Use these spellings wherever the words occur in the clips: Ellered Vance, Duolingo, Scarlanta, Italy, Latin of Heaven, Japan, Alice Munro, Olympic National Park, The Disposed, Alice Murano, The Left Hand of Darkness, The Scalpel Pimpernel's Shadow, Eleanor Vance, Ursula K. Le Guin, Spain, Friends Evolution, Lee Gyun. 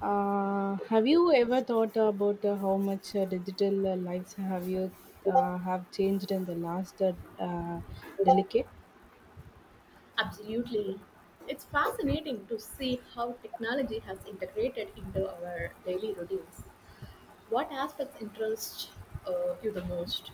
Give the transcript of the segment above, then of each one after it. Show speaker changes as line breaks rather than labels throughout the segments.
Have you ever thought about how much digital lives have you have changed in the last decade?
Absolutely. It's fascinating to see how technology has integrated into our daily routines. What aspects interest you the most?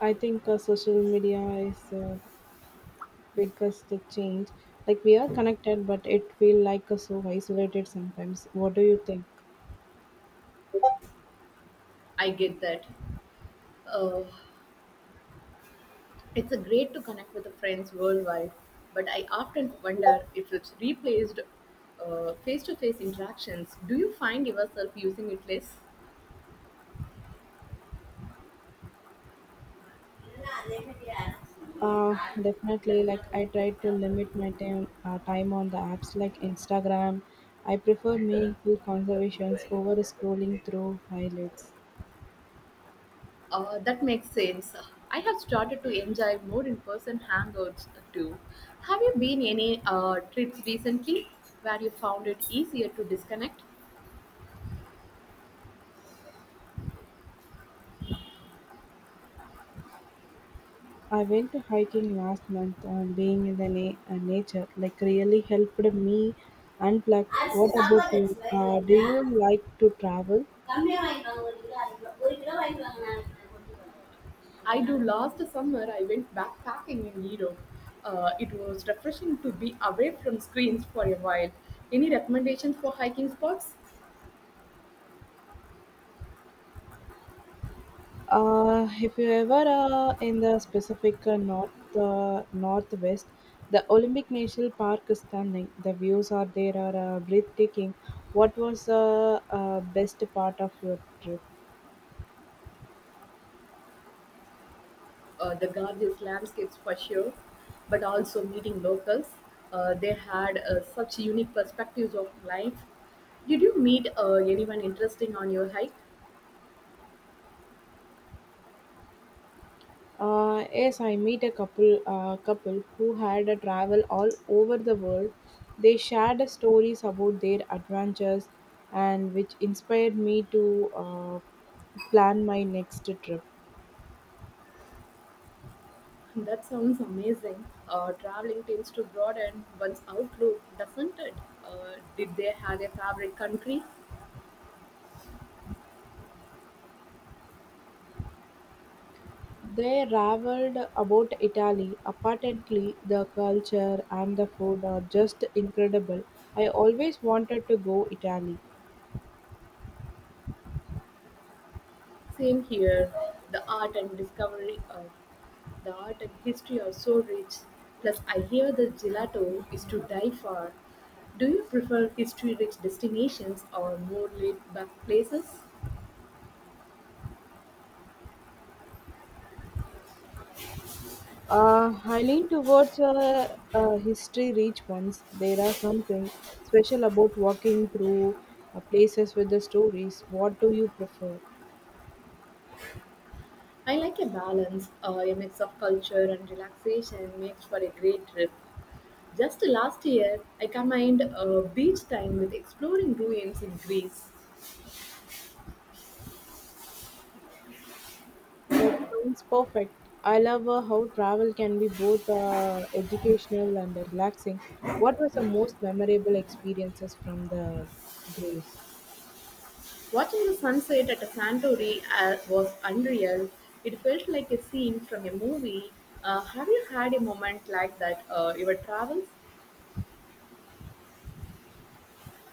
I think social media is biggest change. Like we are connected, but it feel like so isolated sometimes. What do you think?
I get that. Uh, it's a great to connect with the friends worldwide, but I often wonder if it's replaced face-to-face interactions. Do you find yourself using it less?
Uh, definitely. Like I try to limit my time on the apps like Instagram. I prefer meaningful conversations over scrolling through highlights.
That makes sense. I have started to enjoy more in-person hangouts too. Have you been any trips recently where you found it easier to disconnect?
I went to hiking last month and being in the nature like really helped me unplug.
அரிசி
What about
சாப்பாடு
you?
அரிசி வாங்கிட்டு
Do
வரீங்களா
you like to travel?
கம்மியாக வாங்கிட்டு வாங்க ஒரு kilo அரை கிலோ ஒரு கிலோ வாங்கிட்டு வாங்க நாளைக்கு நான் கொண்டு வரேன். I do, last summer I went backpacking in Europe. It was refreshing to be away from screens for a while. Any recommendations for hiking spots?
If you ever in the specific northwest, the Olympic National Park is stunning. The views are there are breathtaking. What was the best part of your trip?
The gorgeous landscapes for sure, but also meeting locals. They had such unique perspectives of life. Did you meet anyone interesting on your hike?
Yes, I meet a couple couple who had a travel all over the world. They shared the stories about their adventures, and which inspired me to plan my next trip.
That sounds amazing. Traveling tends to broaden one's outlook, doesn't it? Did they have a favorite country?
They ravelled about Italy. Apparently, the culture and the food are just incredible. I always wanted to go Italy.
Same here. The art and discovery of the art and history are so rich. Plus, I hear the gelato is to die for. Do you prefer history-rich destinations or more laid-back places?
I lean towards a history rich ones. There are something special about walking through places with the stories. What do you prefer?
I like a balance. A mix of culture and relaxation makes for a great trip. Just last year, I combined beach time with exploring ruins in Greece.
That sounds perfect. I love how travel can be both educational and relaxing. What was the most memorable experiences from the Grace?
Watching the sunset at Santorini was unreal. It felt like a scene from a movie. Have you had a moment like that your travels?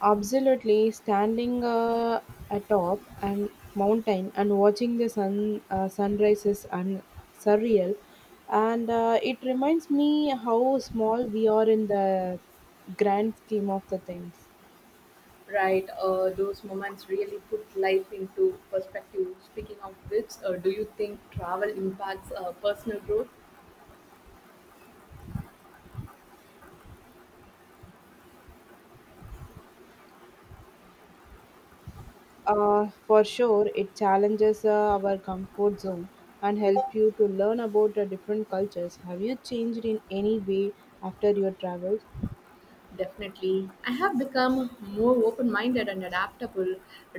Absolutely, standing atop a mountain and watching the sunrise is surreal, and it reminds me how small we are in the grand scheme of the things.
Right, those moments really put life into perspective. Speaking of which, do you think travel impacts personal growth?
For sure, it challenges our comfort zone and helps you to learn about the different cultures. Have you changed in any way after your travels?
Definitely. I have become more open minded and adaptable.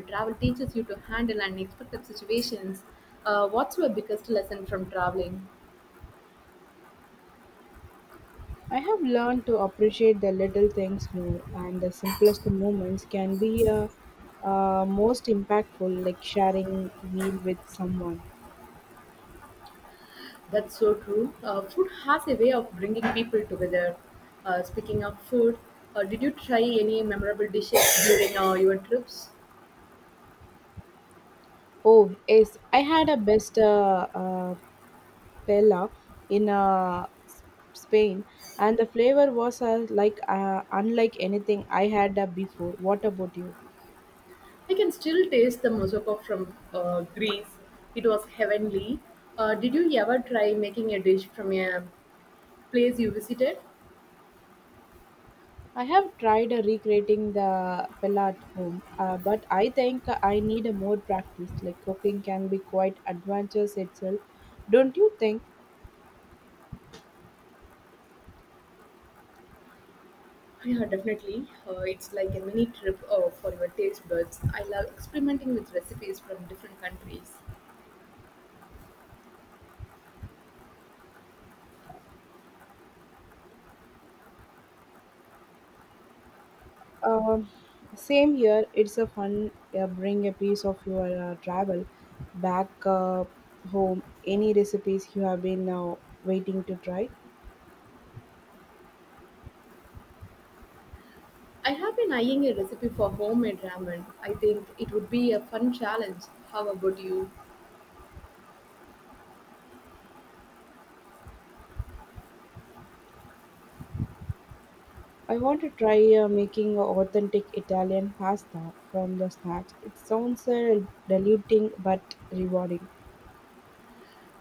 Travel teaches you to handle unexpected situations. What's your biggest lesson from traveling?
I have learned to appreciate the little things more, and the simplest moments can be most impactful, like sharing a meal with someone.
That's so true. Food has a way of bringing people together. Speaking of food, did you try any memorable dishes during your trips?
Oh, yes, I had a best paella in Spain, and the flavor was like unlike anything I had before. What about you?
I can still taste the moussaka from Greece. It was heavenly. Did you ever try making a dish from a place you visited?
I have tried recreating the pella at home, but I think I need a more practice. Like cooking can be quite adventurous itself, don't you think?
Yeah, definitely. It's like a mini trip for your taste buds. I love experimenting with recipes from different countries.
Um, Same here. It's a fun bring a piece of your travel back home. Any recipes you have been now waiting to try?
I have been eyeing a recipe for homemade ramen. I think it would be a fun challenge. How about you?
I want to try making authentic Italian pasta from the scratch. It sounds diluting but rewarding.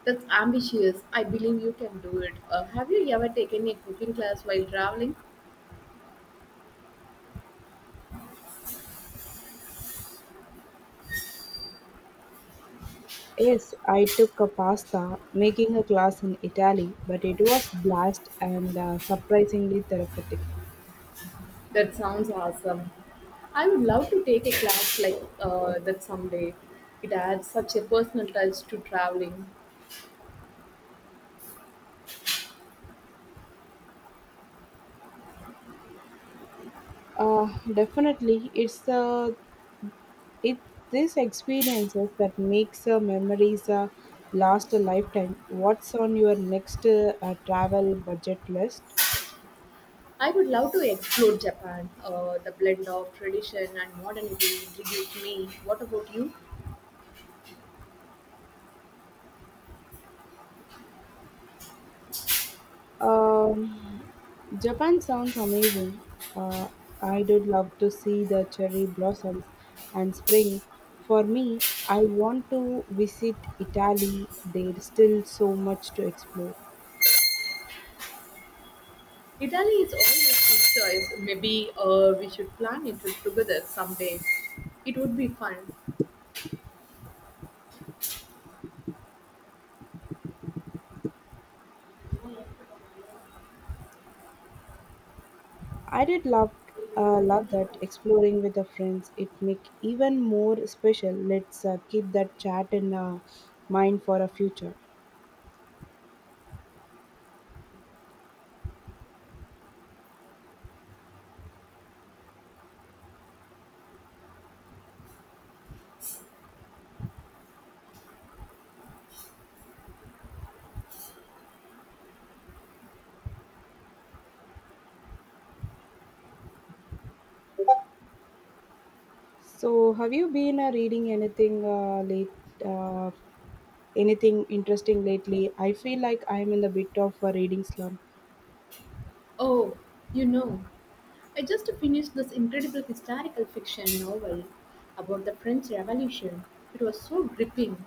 That's ambitious. I believe you can do it. Have you ever taken a cooking class while traveling?
Yes, I took a pasta making a class in Italy, but it was blast and surprisingly therapeutic.
That sounds awesome. I would love to take a class like that someday. It adds such a personal touch to traveling.
Definitely, it's it these experiences that makes memories last a lifetime. What's on your next travel budget list?
I would love to explore Japan. The blend of tradition and modernity intrigues me. What about you?
Um, Japan sounds amazing. Uh, I did love to see the cherry blossoms and spring. For me, I want to visit Italy. There's still so much to explore.
Italy is always a good choice. Maybe we should plan it together someday. It would be fun.
I did love that exploring with the friends. It make even more special. Let's keep that chat in mind for a future. So, have you been reading uh, anything interesting lately? I feel like I'm in a bit of a reading slump.
Oh, you know, I just finished this incredible historical fiction novel about the French Revolution. It was so gripping.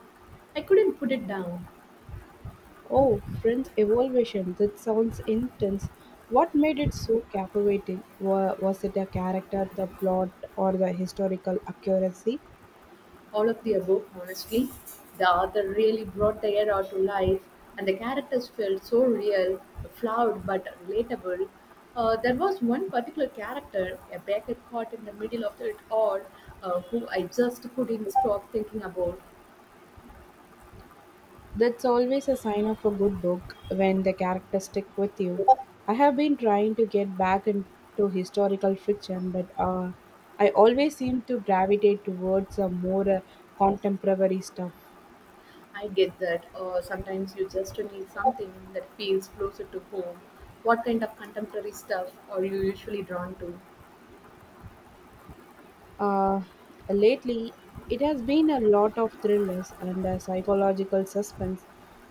I couldn't put it down.
Oh, Friends Evolution. That sounds intense. What made it so captivating? Was it a character, the plot, or the historical accuracy?
All of the above, honestly. The author really brought the era to life, and the characters felt so real, flawed, but relatable. There was one particular character, a baker caught in the middle of it all, who I just couldn't stop thinking about.
That's always a sign of a good book when the characters stick with you. I have been trying to get back into historical fiction, but I always seem to gravitate towards a more contemporary stuff.
I get that, sometimes you just need something that feels closer to home. What kind of contemporary stuff are you usually drawn to?
Uh, Lately, it has been a lot of thrillers and psychological suspense.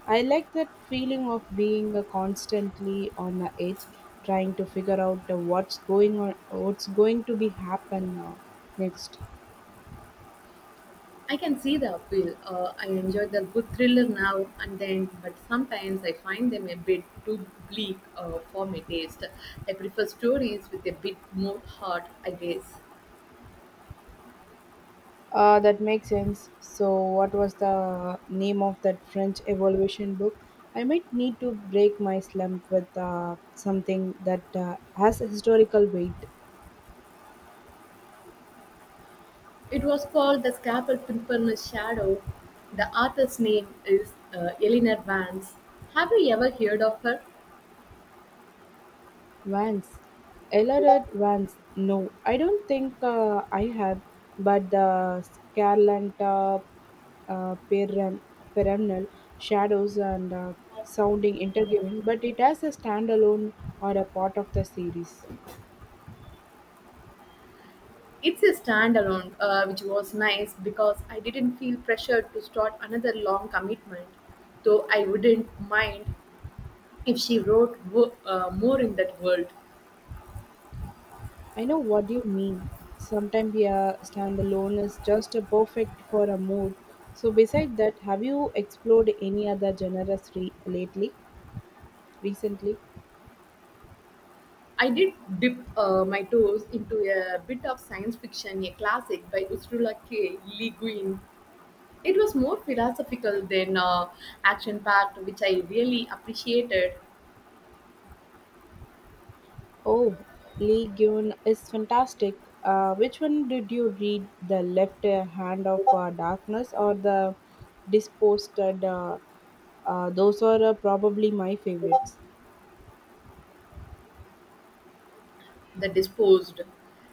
I like that feeling of being constantly on the edge, trying to figure out what's going on, what's going to be happen next.
I can see the appeal. I enjoy the good thriller now and then, but sometimes I find them a bit too bleak for my taste. I prefer stories with a bit more heart, I guess.
That makes sense. So, what was the name of that French evolution book? I might need to break my slump with something that has a historical weight.
It was called The Scalpel Pimpernel's Shadow. The author's name is Eleanor Vance. Have you ever heard of her?
Vance. Ellered Vance. No, I don't think I have, but the Scarlanta uh, peram- perennial shadows and sounding interviewing, but it has a standalone or a part of the series.
It's a standalone, which was nice because I didn't feel pressured to start another long commitment, though I wouldn't mind if she wrote more in that world.
I know what you mean. Sometimes a standalone is just a perfect for a mood. So, beside that, have you explored any other lately, recently?
I did dip my toes into a bit of science fiction, a classic by Ursula K. Le Guin. It was more philosophical than action packed, which I really appreciated.
Oh, Lee Gyun is fantastic. Which one did you read, The Left Hand of Darkness or The Disposed? Those are probably my favorites.
The disposed.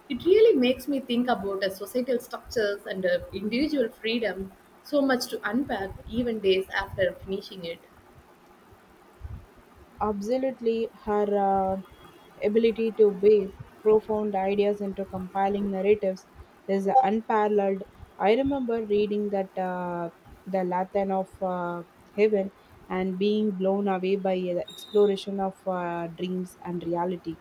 It really makes me think about societal structures and individual freedom, so much to unpack even days after finishing it.
Absolutely, her ability to weave profound ideas into compelling narratives is unparalleled. I remember reading that the Latin of heaven and being blown away by the exploration of dreams and reality.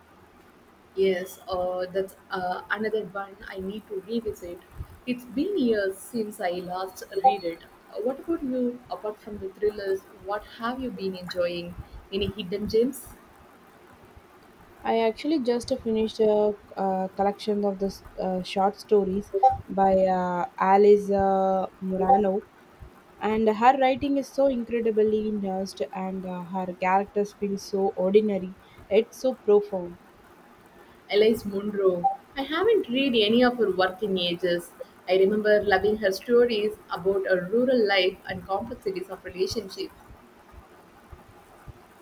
Yes, that's another one I need to revisit. It's been years since I last read it. What about you? Apart from the thrillers, what have you been enjoying? Any hidden gems?
I actually just finished a collection of the short stories by Alice Murano, and her writing is so incredibly nuanced, and her characters feel so ordinary. It's so profound.
Alice Munro. I haven't read any of her work in ages. I remember loving her stories about a rural life and complexities of relationships.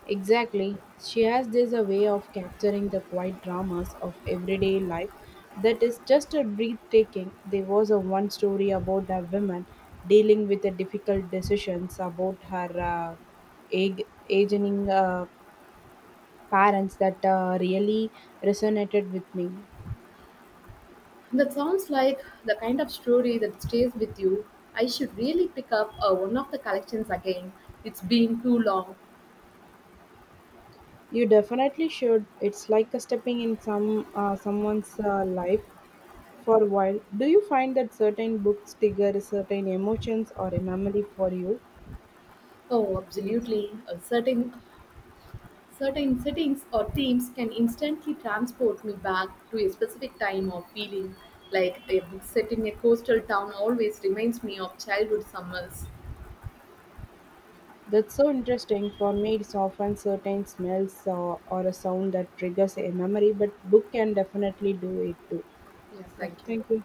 Exactly. She has this a way of capturing the quiet dramas of everyday life that is just a breathtaking. There was a one story about a woman dealing with the difficult decisions about her aging parents that really resonated with me.
That sounds like the kind of story that stays with you. I should really pick up one of the collections again. It's been too long.
You definitely should. It's like a stepping in someone's life for a while. Do you find that certain books trigger certain emotions or a memory for you?
Oh, absolutely. Certain settings or themes can instantly transport me back to a specific time or feeling. Like a book set in a coastal town always reminds me of childhood summers.
That's so interesting. For me, it's often certain smells or a sound that triggers a memory, but book can definitely do it too.
Yes,
Yeah,
thank you.
thank you.